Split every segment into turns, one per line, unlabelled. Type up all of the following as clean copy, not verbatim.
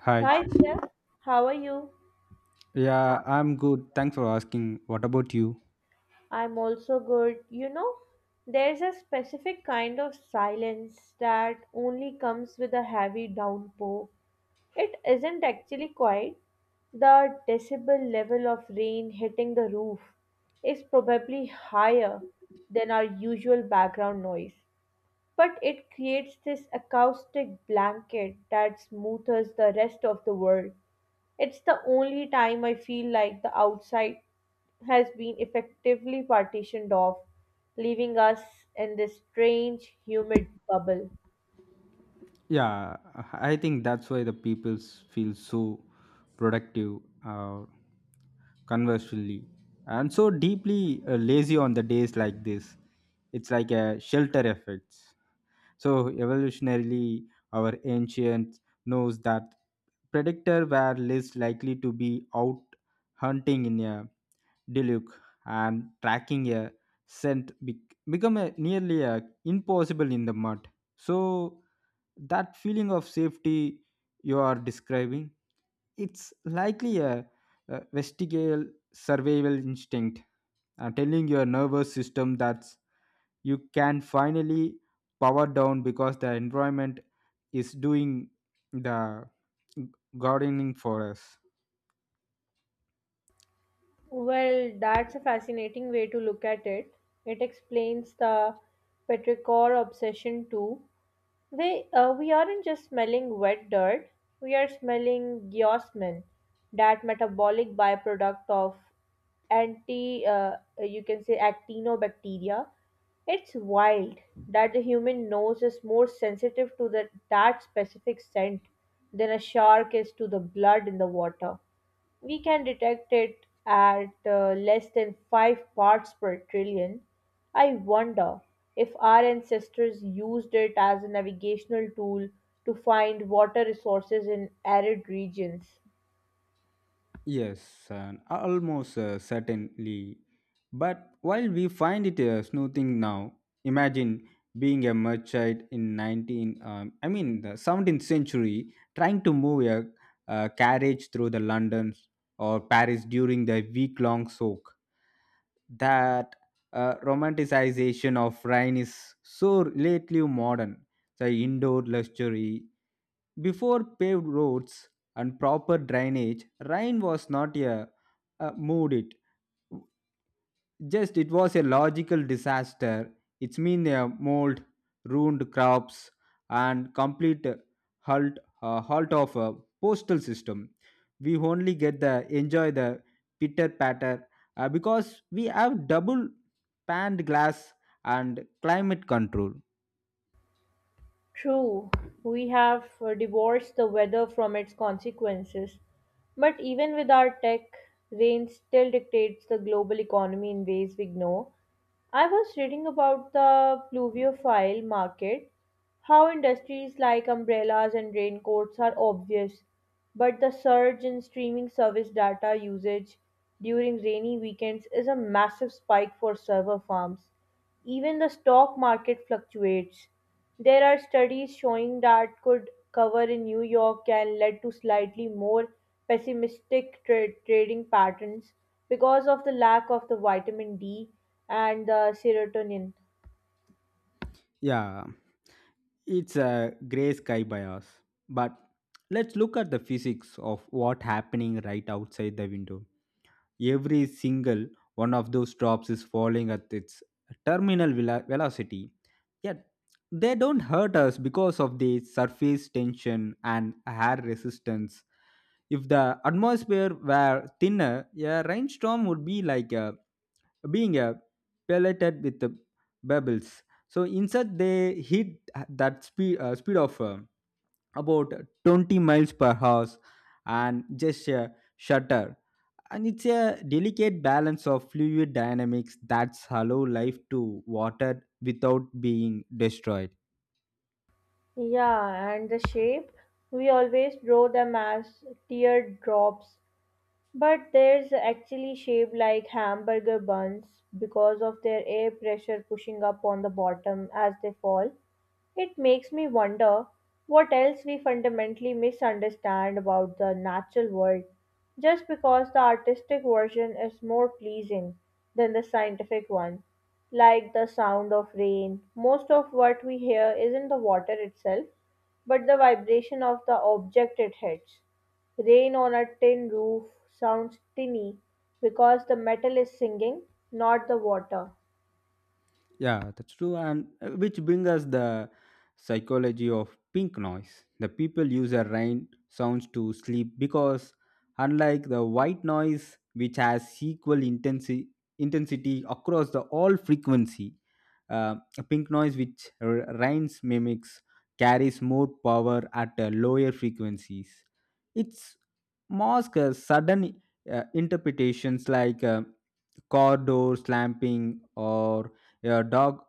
Hi.
Hi there, how are you?
Yeah, I'm good. Thanks for asking. What about you?
I'm also good. You know, there's a specific kind of silence that only comes with a heavy downpour. It isn't actually quiet. The decibel level of rain hitting the roof is probably higher than our usual background noise, but it creates this acoustic blanket that smooths the rest of the world. It's the only time I feel like the outside has been effectively partitioned off, leaving us in this strange, humid bubble.
Yeah, I think that's why the people feel so productive, uh, conversely, and so deeply lazy on the days like this. It's like a shelter effect. So evolutionarily, our ancient knows that predator were least likely to be out hunting in a deluge, and tracking a scent become a, nearly a, impossible in the mud. So that feeling of safety you are describing, it's likely a vestigial survival instinct, telling your nervous system that you can finally power down because the environment is doing the gardening for us.
Well, that's a fascinating way to look at it. It explains the petrichor obsession too. We aren't just smelling wet dirt, we are smelling geosmin, that metabolic byproduct of anti, uh, you can say actinobacteria. It's wild that the human nose is more sensitive to that specific scent than a shark is to the blood in the water. We can detect it at less than 5 parts per trillion. I wonder if our ancestors used it as a navigational tool to find water resources in arid regions.
Yes, and almost certainly. But while we find it a soothing now, imagine being a merchant in 19, um, I mean the 17th century, trying to move a, carriage through the London or Paris during the week-long soak. That romanticization of Rhine is so lately modern. The indoor luxury before paved roads and proper drainage, rain was not a mood it. Just it was a logical disaster. It's mean a mold, ruined crops, and complete halt halt of a postal system. We only get the enjoy the pitter patter because we have double panned glass and climate control.
True, we have divorced the weather from its consequences, but even with our tech, rain still dictates the global economy in ways we ignore. I was reading about the pluviophile market, how industries like umbrellas and raincoats are obvious, but the surge in streaming service data usage during rainy weekends is a massive spike for server farms. Even the stock market fluctuates. There are studies showing that could cover in New York can lead to slightly more pessimistic trading patterns because of the lack of the vitamin D and the serotonin.
Yeah. It's a gray sky bias. But let's look at the physics of what happening right outside the window. Every single one of those drops is falling at its terminal velocity, yet they don't hurt us because of the surface tension and air resistance. If the atmosphere were thinner, a rainstorm would be like being a pelleted with the bubbles, so inside they hit that speed of about 20 miles per hour and just shutter, and it's a delicate balance of fluid dynamics that's allow life to water without being destroyed.
Yeah, and the shape, we always draw them as teardrops, but there's actually shaped like hamburger buns because of their air pressure pushing up on the bottom as they fall. It makes me wonder what else we fundamentally misunderstand about the natural world just because the artistic version is more pleasing than the scientific one. Like the sound of rain, most of what we hear isn't the water itself, but the vibration of the object it hits. "Rain on a Tin Roof" sounds tinny because the metal is singing, not the water.
Yeah, that's true. And which brings us the psychology of pink noise. The people use a rain sounds to sleep because, unlike the white noise, which has equal intensity across the all frequency, a pink noise which rains mimics carries more power at lower frequencies. Its masks sudden interpretations like, car door slamming or a dog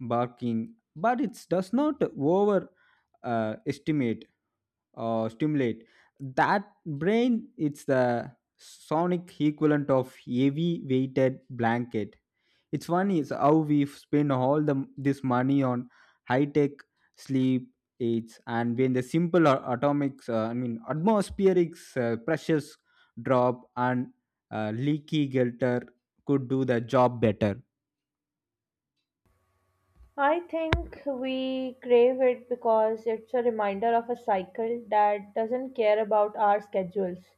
barking, but it does not over estimate or stimulate that brain. It's the sonic equivalent of heavy weighted blanket. It's funny is how we spend all the this money on high tech sleep aids, and when the simple a- atomic, I mean atmospheric pressures drop and leaky gelter could do the job better.
I think we crave it because it's a reminder of a cycle that doesn't care about our schedules.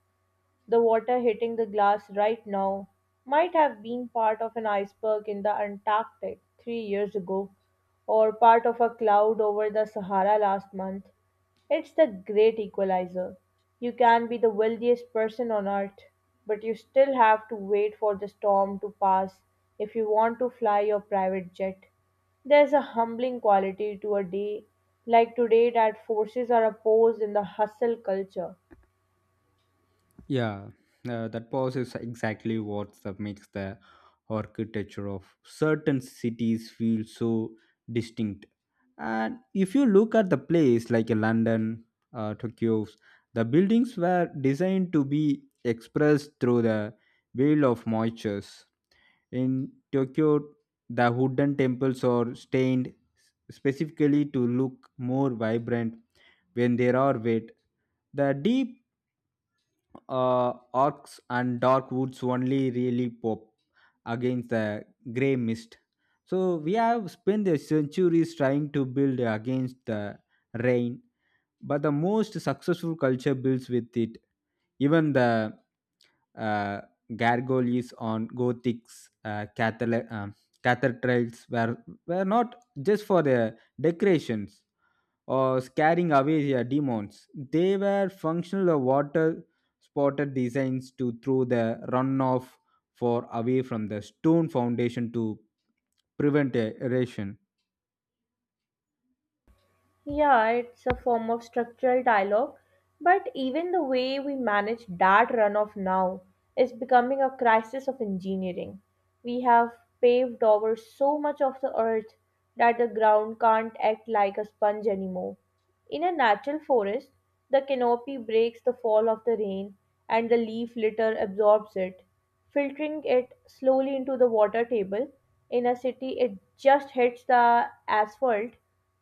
The water hitting the glass right now might have been part of an iceberg in the Antarctic 3 years ago, or part of a cloud over the Sahara last month. It's the great equalizer. You can be the wealthiest person on earth, but you still have to wait for the storm to pass if you want to fly your private jet. There's a humbling quality to a day like today that forces our oppose in the hustle culture.
Yeah, that pause is exactly what makes the architecture of certain cities feel so distinct. And if you look at the place like a London, Tokyo, the buildings were designed to be expressed through the veil of moistures. In Tokyo, the wooden temples are stained specifically to look more vibrant when they are wet. The deep orcs and dark woods only really pop against the gray mist. So we have spent the centuries trying to build against the rain, but the most successful culture builds with it. Even the uh, gargoyles on Gothic's cathedrals were not just for the decorations or scaring away their demons. They were functional or water spotted designs to throw the runoff for away from the stone foundation to prevent a erosion.
Yeah, it's a form of structural dialogue, but even the way we manage that runoff now is becoming a crisis of engineering. We have paved over so much of the earth that the ground can't act like a sponge anymore. In a natural forest, the canopy breaks the fall of the rain and the leaf litter absorbs it, filtering it slowly into the water table. In a city, it just hits the asphalt,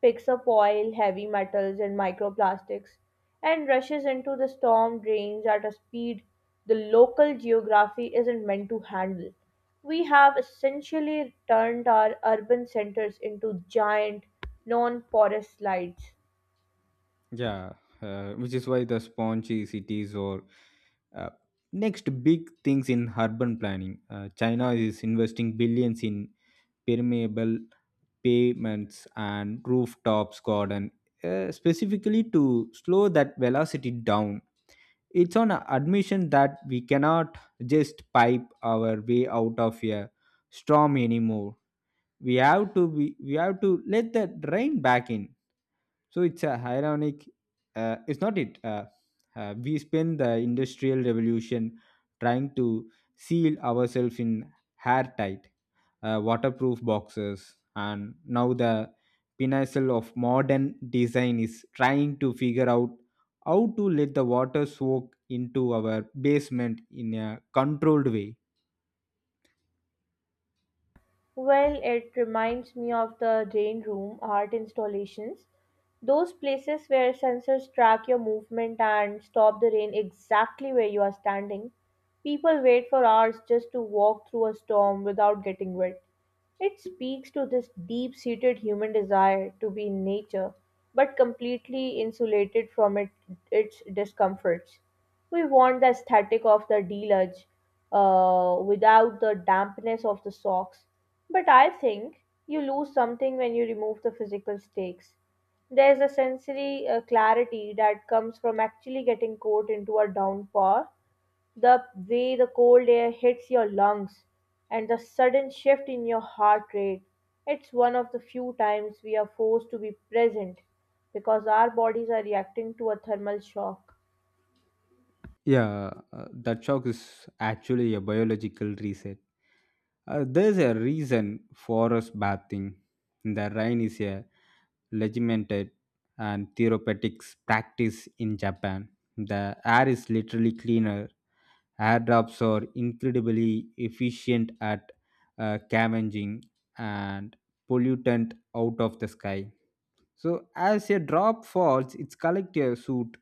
picks up oil, heavy metals, and microplastics, and rushes into the storm drains at a speed the local geography isn't meant to handle. We have essentially turned our urban centers into giant, non porous slides.
Yeah, which is why the spongy cities or uh, next big things in urban planning. China is investing billions in permeable pavements and rooftops garden, specifically to slow that velocity down. It's on a admission that we cannot just pipe our way out of a storm anymore. We have to let the rain back in. So it's a ironic. It's not it. We spend the industrial revolution trying to seal ourselves in airtight, waterproof boxes, and now the pinnacle of modern design is trying to figure out how to let the water soak into our basement in a controlled way.
Well, it reminds me of the Rain Room art installations. Those places where sensors track your movement and stop the rain exactly where you are standing. People wait for hours just to walk through a storm without getting wet. It speaks to this deep seated human desire to be in nature, but completely insulated from it, its discomforts. We want the aesthetic of the deluge without the dampness of the socks, but I think you lose something when you remove the physical stakes. There's a sensory clarity that comes from actually getting caught into a downpour, the way the cold air hits your lungs and the sudden shift in your heart rate. It's one of the few times we are forced to be present because our bodies are reacting to a thermal shock.
Yeah, that shock is actually a biological reset. There's a reason forest bathing in the rain is a legitimate and therapeutic practice in Japan. The air is literally cleaner. Air drops are incredibly efficient at scavenging and pollutant out of the sky. So as a drop falls, its collective suit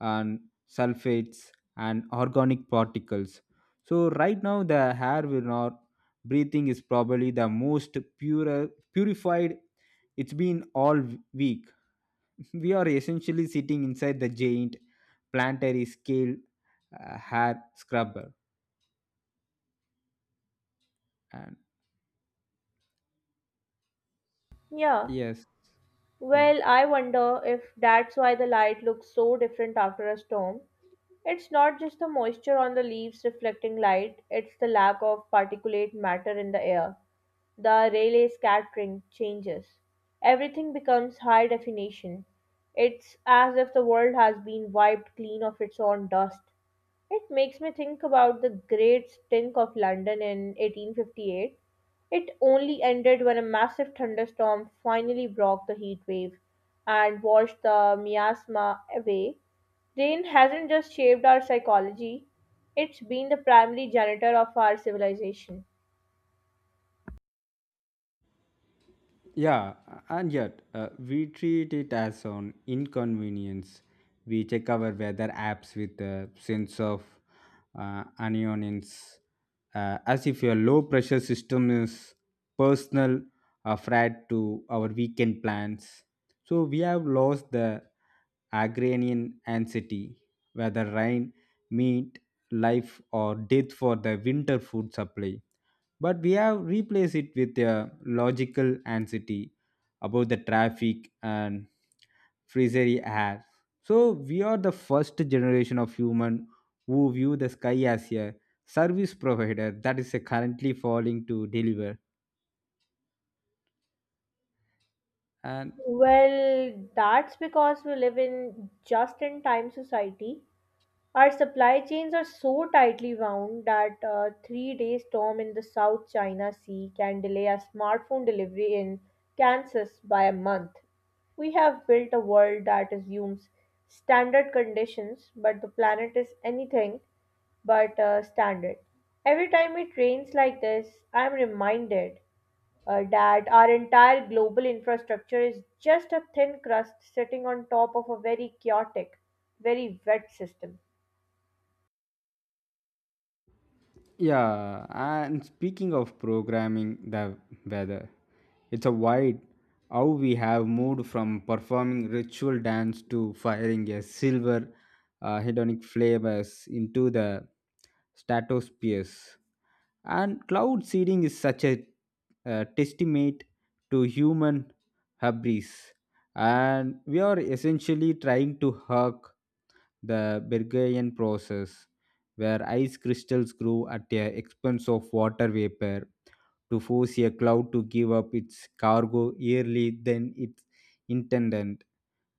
and sulfates and organic particles. So right now the air we are breathing is probably the most pure purified it's been all week. We are essentially sitting inside the giant planetary scale hair scrubber, and
Yeah.
yes, yeah.
Well, I wonder if that's why the light looks so different after a storm. It's not just the moisture on the leaves reflecting light, it's the lack of particulate matter in the air. The Rayleigh scattering changes. Everything becomes high definition. It's as if the world has been wiped clean of its own dust. It makes me think about the great stink of London in 1858. It only ended when a massive thunderstorm finally broke the heat wave and washed the miasma away. Rain hasn't just shaped our psychology, it's been the primary janitor of our civilization.
Yeah, and yet we treat it as an inconvenience. We check our weather apps with a sense of annoyance, as if your low pressure system is personal, threat to our weekend plans. So we have lost the agrarian anxiety, whether rain, meat, life, or death for the winter food supply, but we have replaced it with a logical anxiety about the traffic and freezery air. So we are the first generation of human who view the sky as a service provider that is currently falling to deliver. And
Well, that's because we live in just in time society. Our supply chains are so tightly wound that a 3 day storm in the South China Sea can delay a smartphone delivery in Kansas by a month. We have built a world that assumes standard conditions, but the planet is anything but standard. Every time it rains like this, I am reminded that our entire global infrastructure is just a thin crust sitting on top of a very chaotic, very wet system.
yeah, and speaking of programming the weather, it's a wide how we have moved from performing ritual dance to firing a silver hedonic flavors into the stratospheres. And cloud seeding is such a testament to human hubris. And we are essentially trying to hug the Bergerian process where ice crystals grew at the expense of water vapor to force a cloud to give up its cargo earlier than its intended.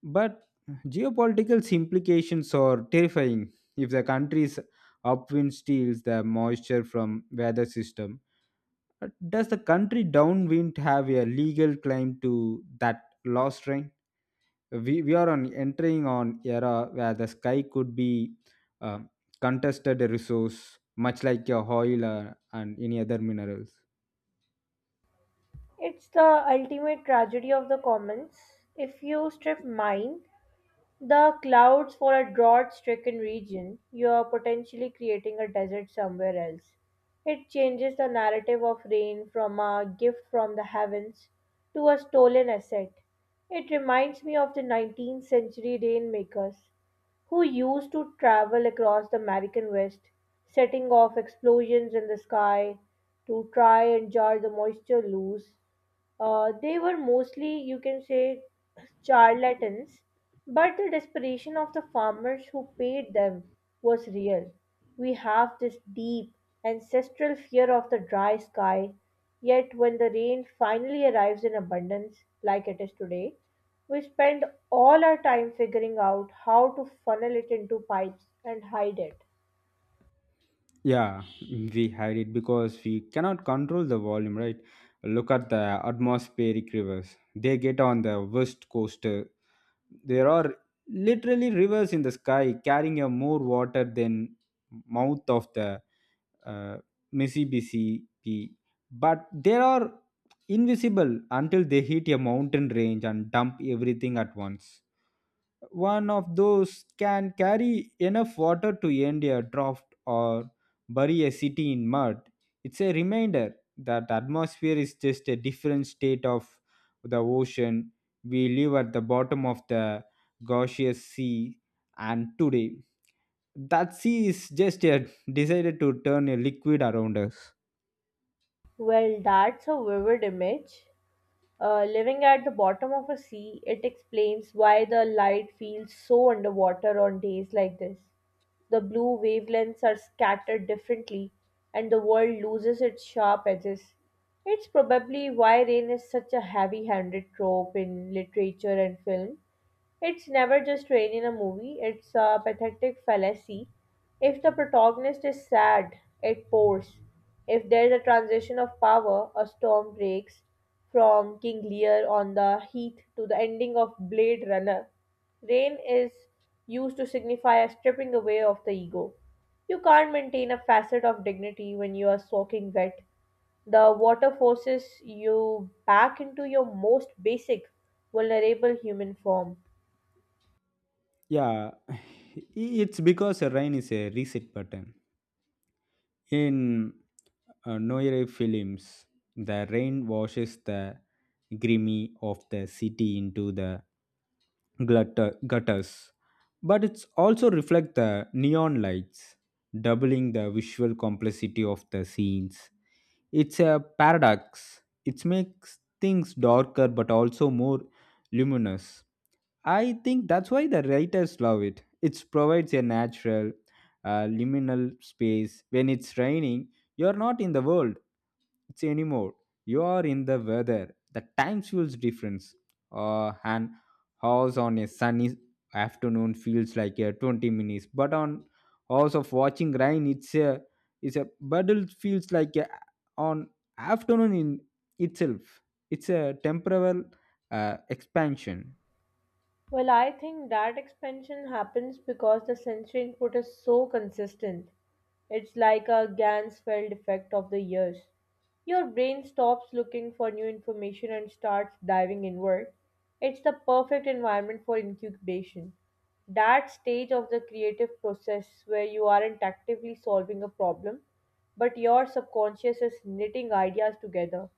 But geopolitical implications are terrifying if the country's upwind steals the moisture from weather system. Does the country downwind have a legal claim to that lost rain? We are on entering on era where the sky could be um contested resource, much like your oil and any other minerals.
It's the ultimate tragedy of the commons. If you strip mine the clouds for a drought stricken region, you are potentially creating a desert somewhere else. It changes the narrative of rain from a gift from the heavens to a stolen asset. It reminds me of the 19th century rainmakers who used to travel across the American West, setting off explosions in the sky to try and jar the moisture loose. They were mostly, you can say, charlatans, but the desperation of the farmers who paid them was real. We have this deep ancestral fear of the dry sky, yet, when the rain finally arrives in abundance, like it is today, we spend all our time figuring out how to funnel it into pipes and hide it.
Yeah, we hide it because we cannot control the volume, right? Look at the atmospheric rivers. They get on the west coast. There are literally rivers in the sky carrying a more water than mouth of the uh, Mississippi. But they are invisible until they hit a mountain range and dump everything at once. One of those can carry enough water to end a draft or bury a city in mud. It's a reminder that the atmosphere is just a different state of the ocean. We live at the bottom of the gaseous sea, and today that sea is just decided to turn a liquid around us.
Well, that's a vivid image. Living at the bottom of a sea, it explains why the light feels so underwater on days like this. The blue wavelengths are scattered differently, and the world loses its sharp edges. It's probably why rain is such a heavy handed trope in literature and film. It's never just rain in a movie, it's a pathetic fallacy. If the protagonist is sad, it pours. If there's a transition of power, a storm breaks, from King Lear on the heath to the ending of Blade Runner. Rain is used to signify a stripping away of the ego. You can't maintain a facet of dignity when you are soaking wet. The water forces you back into your most basic, vulnerable human form.
Yeah, it's because a rain is a reset button. In Noire films, the rain washes the grimy of the city into the gutters, but it's also reflect the neon lights, doubling the visual complexity of the scenes. It's a paradox. It makes things darker but also more luminous. I think that's why the writers love it. It provides a natural, liminal space. When it's raining, you're not in the world it's anymore. You are in the weather. The time feels difference. And house on a sunny afternoon feels like a 20 minutes, but on house of watching rain, it's a battle feels like on afternoon in itself. It's a temporal expansion.
Well, I think that expansion happens because the sensory input is so consistent. It's like a Gansfeld effect of the years. Your brain stops looking for new information and starts diving inward. It's the perfect environment for incubation, that stage of the creative process where you aren't actively solving a problem, but your subconscious is knitting ideas together.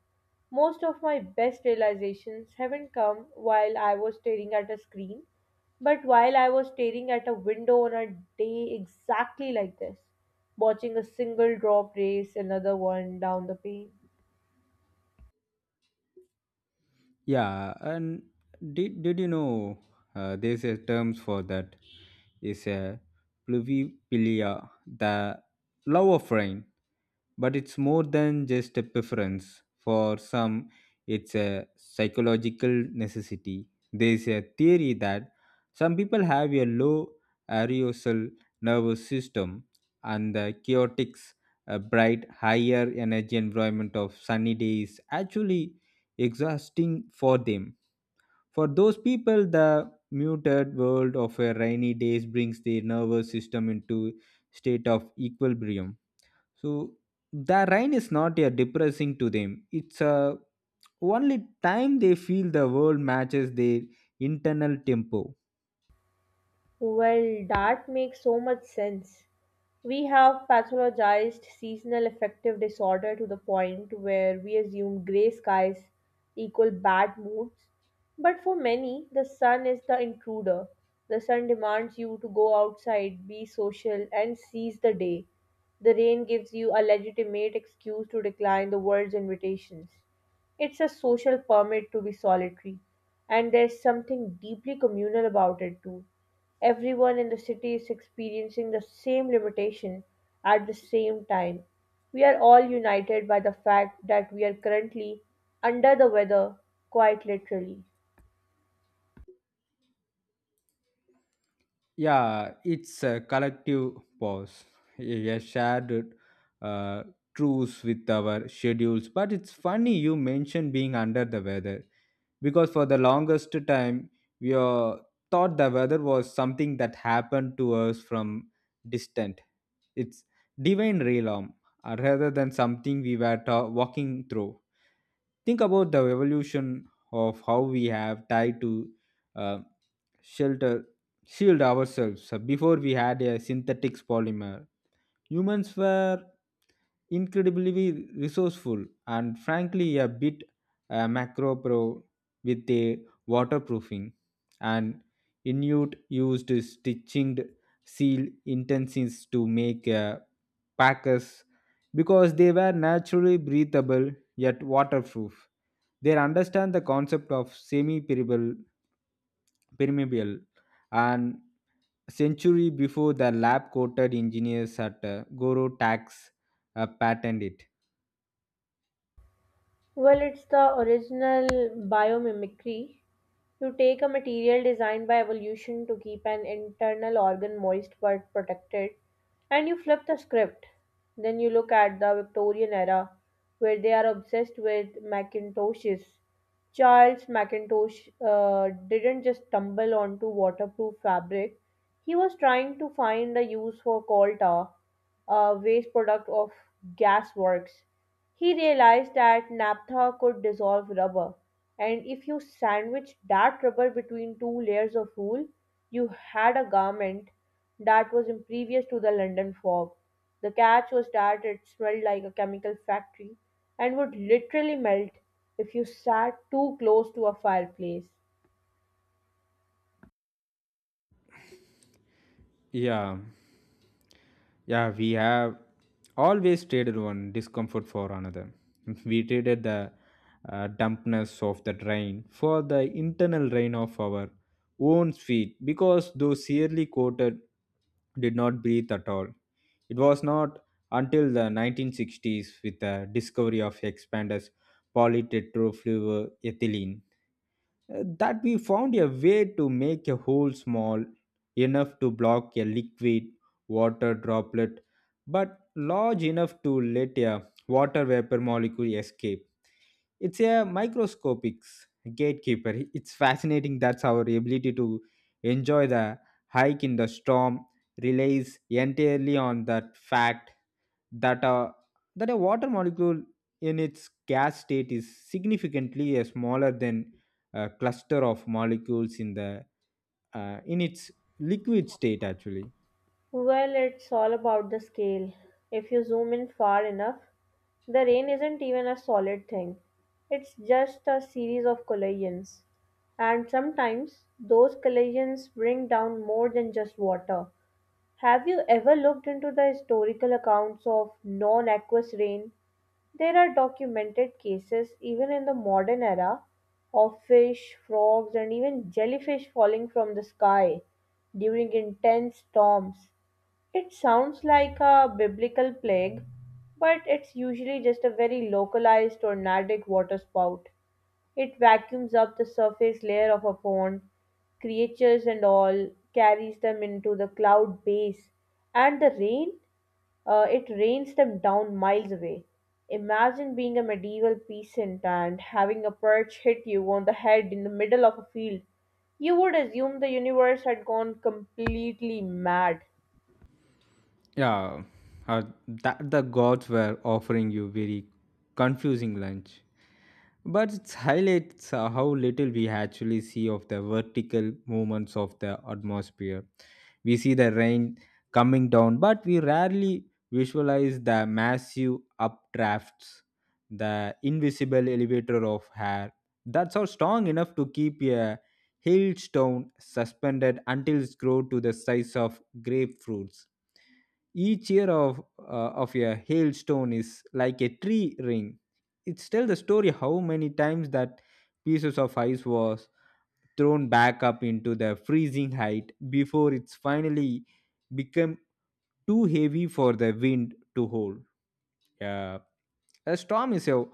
Most of my best realizations haven't come while I was staring at a screen, but while I was staring at a window on a day exactly like this, watching a single drop race another one down the pane.
Yeah, and did you know there's a terms for that? It's a pluviopilia, the love of rain. But it's more than just a preference. For some, it's a psychological necessity. There's a theory that some people have a low arousal nervous system, and the chaotic, bright, higher energy environment of sunny days actually exhausting for them. For those people, the muted world of a rainy days brings their nervous system into state of equilibrium. So the rain is not a depressing to them. It's a only time they feel the world matches their internal tempo.
Well, that makes so much sense. We have pathologized seasonal affective disorder to the point where we assume gray skies equal bad moods. But for many, the sun is the intruder. The sun demands you to go outside, be social, and seize the day. The rain gives you a legitimate excuse to decline the world's invitations. It's a social permit to be solitary, and there's something deeply communal about it too. Everyone in the city is experiencing the same limitation at the same time. We are all united by the fact that we are currently under the weather, quite literally.
Yeah, it's a collective pause, a shared uh, truce with our schedules. But it's funny you mentioned being under the weather because for the longest time, we thought the weather was something that happened to us from distant. It's divine realm rather than something we were walking through. Think about the evolution of how we have tied to uh, shelter shield ourselves. So, before we had a synthetic polymer. Humans were incredibly resourceful and frankly a bit macro pro with a waterproofing, and Inuit used stitching seal intentions to make packers because they were naturally breathable yet waterproof. They understand the concept of semi-permeable permeable and a century before the lab coated engineers at Goro Tax patented it.
Well, it's the original biomimicry. You take a material designed by evolution to keep an internal organ moist but protected, and you flip the script. Then you look at the Victorian era, where they are obsessed with Macintoshes. Charles Macintosh didn't just stumble onto waterproof fabric, he was trying to find a use for coal tar, a waste product of gas works. He realized that naphtha could dissolve rubber, and if you sandwiched that rubber between two layers of wool, you had a garment that was impervious to the London fog. The catch was that it smelled like a chemical factory and would literally melt if you sat too close to a fireplace.
Yeah. Yeah, we have always traded one discomfort for another. We traded the dampness of the drain for the internal rain of our own feet because those severely coated did not breathe at all. It was not until the 1960s with the discovery of expanders polytetrafluoroethylene that we found a way to make a hole small enough to block a liquid water droplet but large enough to let a water vapor molecule escape. It's a microscopic gatekeeper. It's fascinating that's our ability to enjoy the hike in the storm relies entirely on that fact that a water molecule in its gas state is significantly smaller than cluster of molecules in the in its liquid state actually.
Well, it's all about the scale. If you zoom in far enough, the rain isn't even a solid thing. It's just a series of collisions. And sometimes those collisions bring down more than just water. Have you ever looked into the historical accounts of non aqueous rain? There are documented cases, even in the modern era, of fish, frogs, and even jellyfish falling from the sky during intense storms. It sounds like a biblical plague, but it's usually just a very localized tornadic waterspout. It vacuums up the surface layer of a pond, creatures and all, carries them into the cloud base, and it rains them down miles away. Imagine being a medieval peasant and having a perch hit you on the head in the middle of a field. You would assume the universe had gone completely mad.
Yeah, uh, that the gods were offering you very confusing lunch. But it highlights how little we actually see of the vertical movements of the atmosphere. We see the rain coming down, but we rarely visualize the massive updrafts, the invisible elevator of air. That's how strong enough to keep a hailstone suspended until it's grown to the size of grapefruits. Each year of a hailstone is like a tree ring. It tells the story how many times that pieces of ice was thrown back up into the freezing height before it's finally become too heavy for the wind to hold. Uh, a storm is a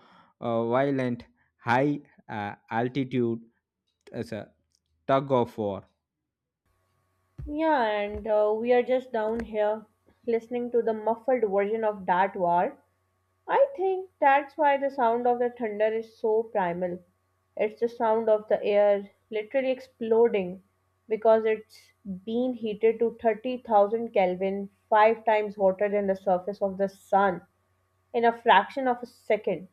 violent, high altitude as a tug of war.
Yeah, and we are just down here listening to the muffled version of that war. I think that's why the sound of the thunder is so primal. It's the sound of the air literally exploding because it's been heated to 30,000 Kelvin, five times hotter than the surface of the sun in a fraction of a second.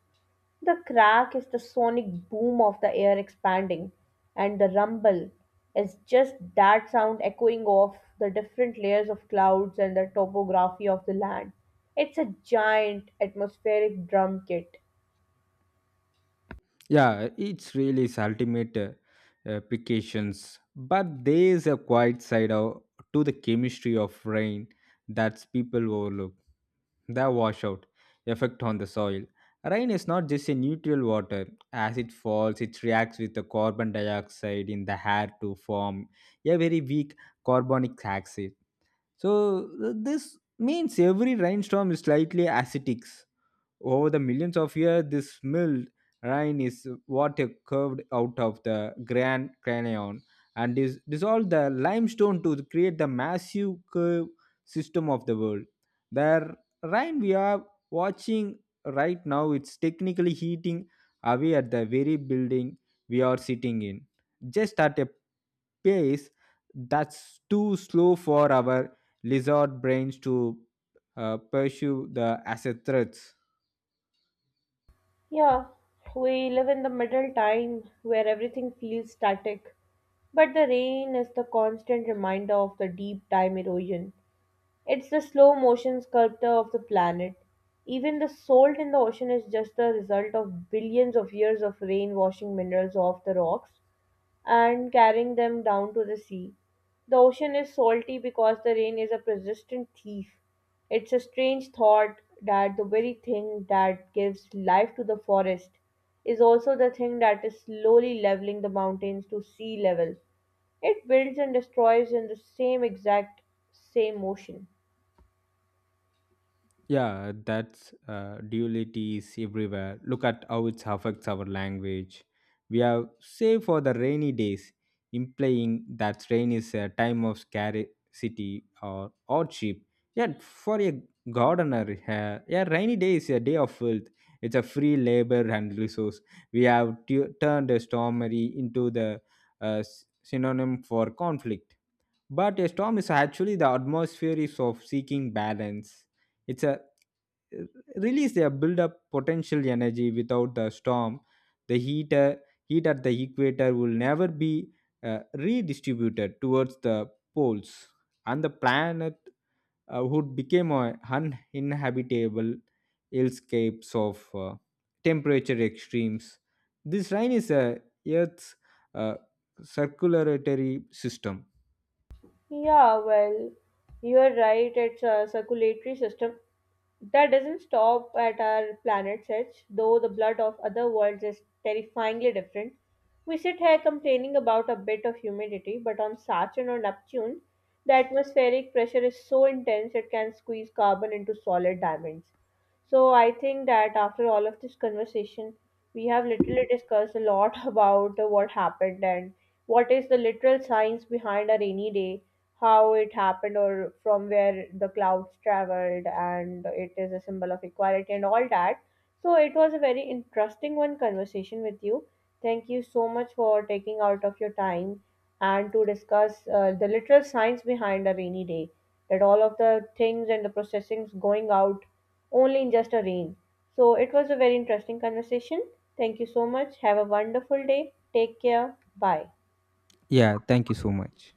The crack is the sonic boom of the air expanding, and the rumble is just that sound echoing off the different layers of clouds and the topography of the land. It's a giant atmospheric drum kit.
Yeah, it's really its ultimate applications. But there is a quiet side to the chemistry of rain that people overlook. The washout effect on the soil. Rain is not just a neutral water. As it falls, it reacts with the carbon dioxide in the air to form a very weak carbonic acid. So this means every rainstorm is slightly acidic. Over the millions of years, this milled rain is water curved out of the Grand Canyon and is dissolved the limestone to create the massive curve system of the world. The rain we are watching right now it's technically heating away at the very building we are sitting in, just at a pace that's too slow for our lizard brains to pursue the as a threats.
Yeah, we live in the middle time where everything feels static, but the rain is the constant reminder of the deep time erosion. It's the slow motion sculptor of the planet. Even the salt in the ocean is just the result of billions of years of rain washing minerals off the rocks and carrying them down to the sea. The ocean is salty because the rain is a persistent thief. It's a strange thought that the very thing that gives life to the forest is also the thing that is slowly leveling the mountains to sea level. It builds and destroys in the same motion.
Yeah, that's duality is everywhere. Look at how it affects our language. We have save for the rainy days, implying that rain is a time of scarcity or hardship. Yet, for a gardener, yeah, rainy day is a day of wealth. It's a free labor and resource. We have turned a stormy into the synonym for conflict. But a storm is actually the atmosphere is of seeking balance. It's a release their build up potential energy without the storm. The heat at the equator will never be redistributed towards the poles, and the planet would become a uninhabitable landscapes of temperature extremes. This rain is a Earth's uh, circulatory system.
Yeah, well, you're right. It's a circulatory system that doesn't stop at our planet's edge, though the blood of other worlds is terrifyingly different. We sit here complaining about a bit of humidity, but on Saturn or Neptune, the atmospheric pressure is so intense it can squeeze carbon into solid diamonds. So I think that after all of this conversation, we have literally discussed a lot about what happened and what is the literal science behind a rainy day, how it happened or from where the clouds traveled, and it is a symbol of equality and all that. So it was a very interesting one conversation with you. Thank you so much for taking out of your time and to discuss the literal science behind a rainy day, that all of the things and the processings going out only in just a rain. So it was a very interesting conversation. Thank you so much. Have a wonderful day. Take care. Bye.
Yeah, thank you so much.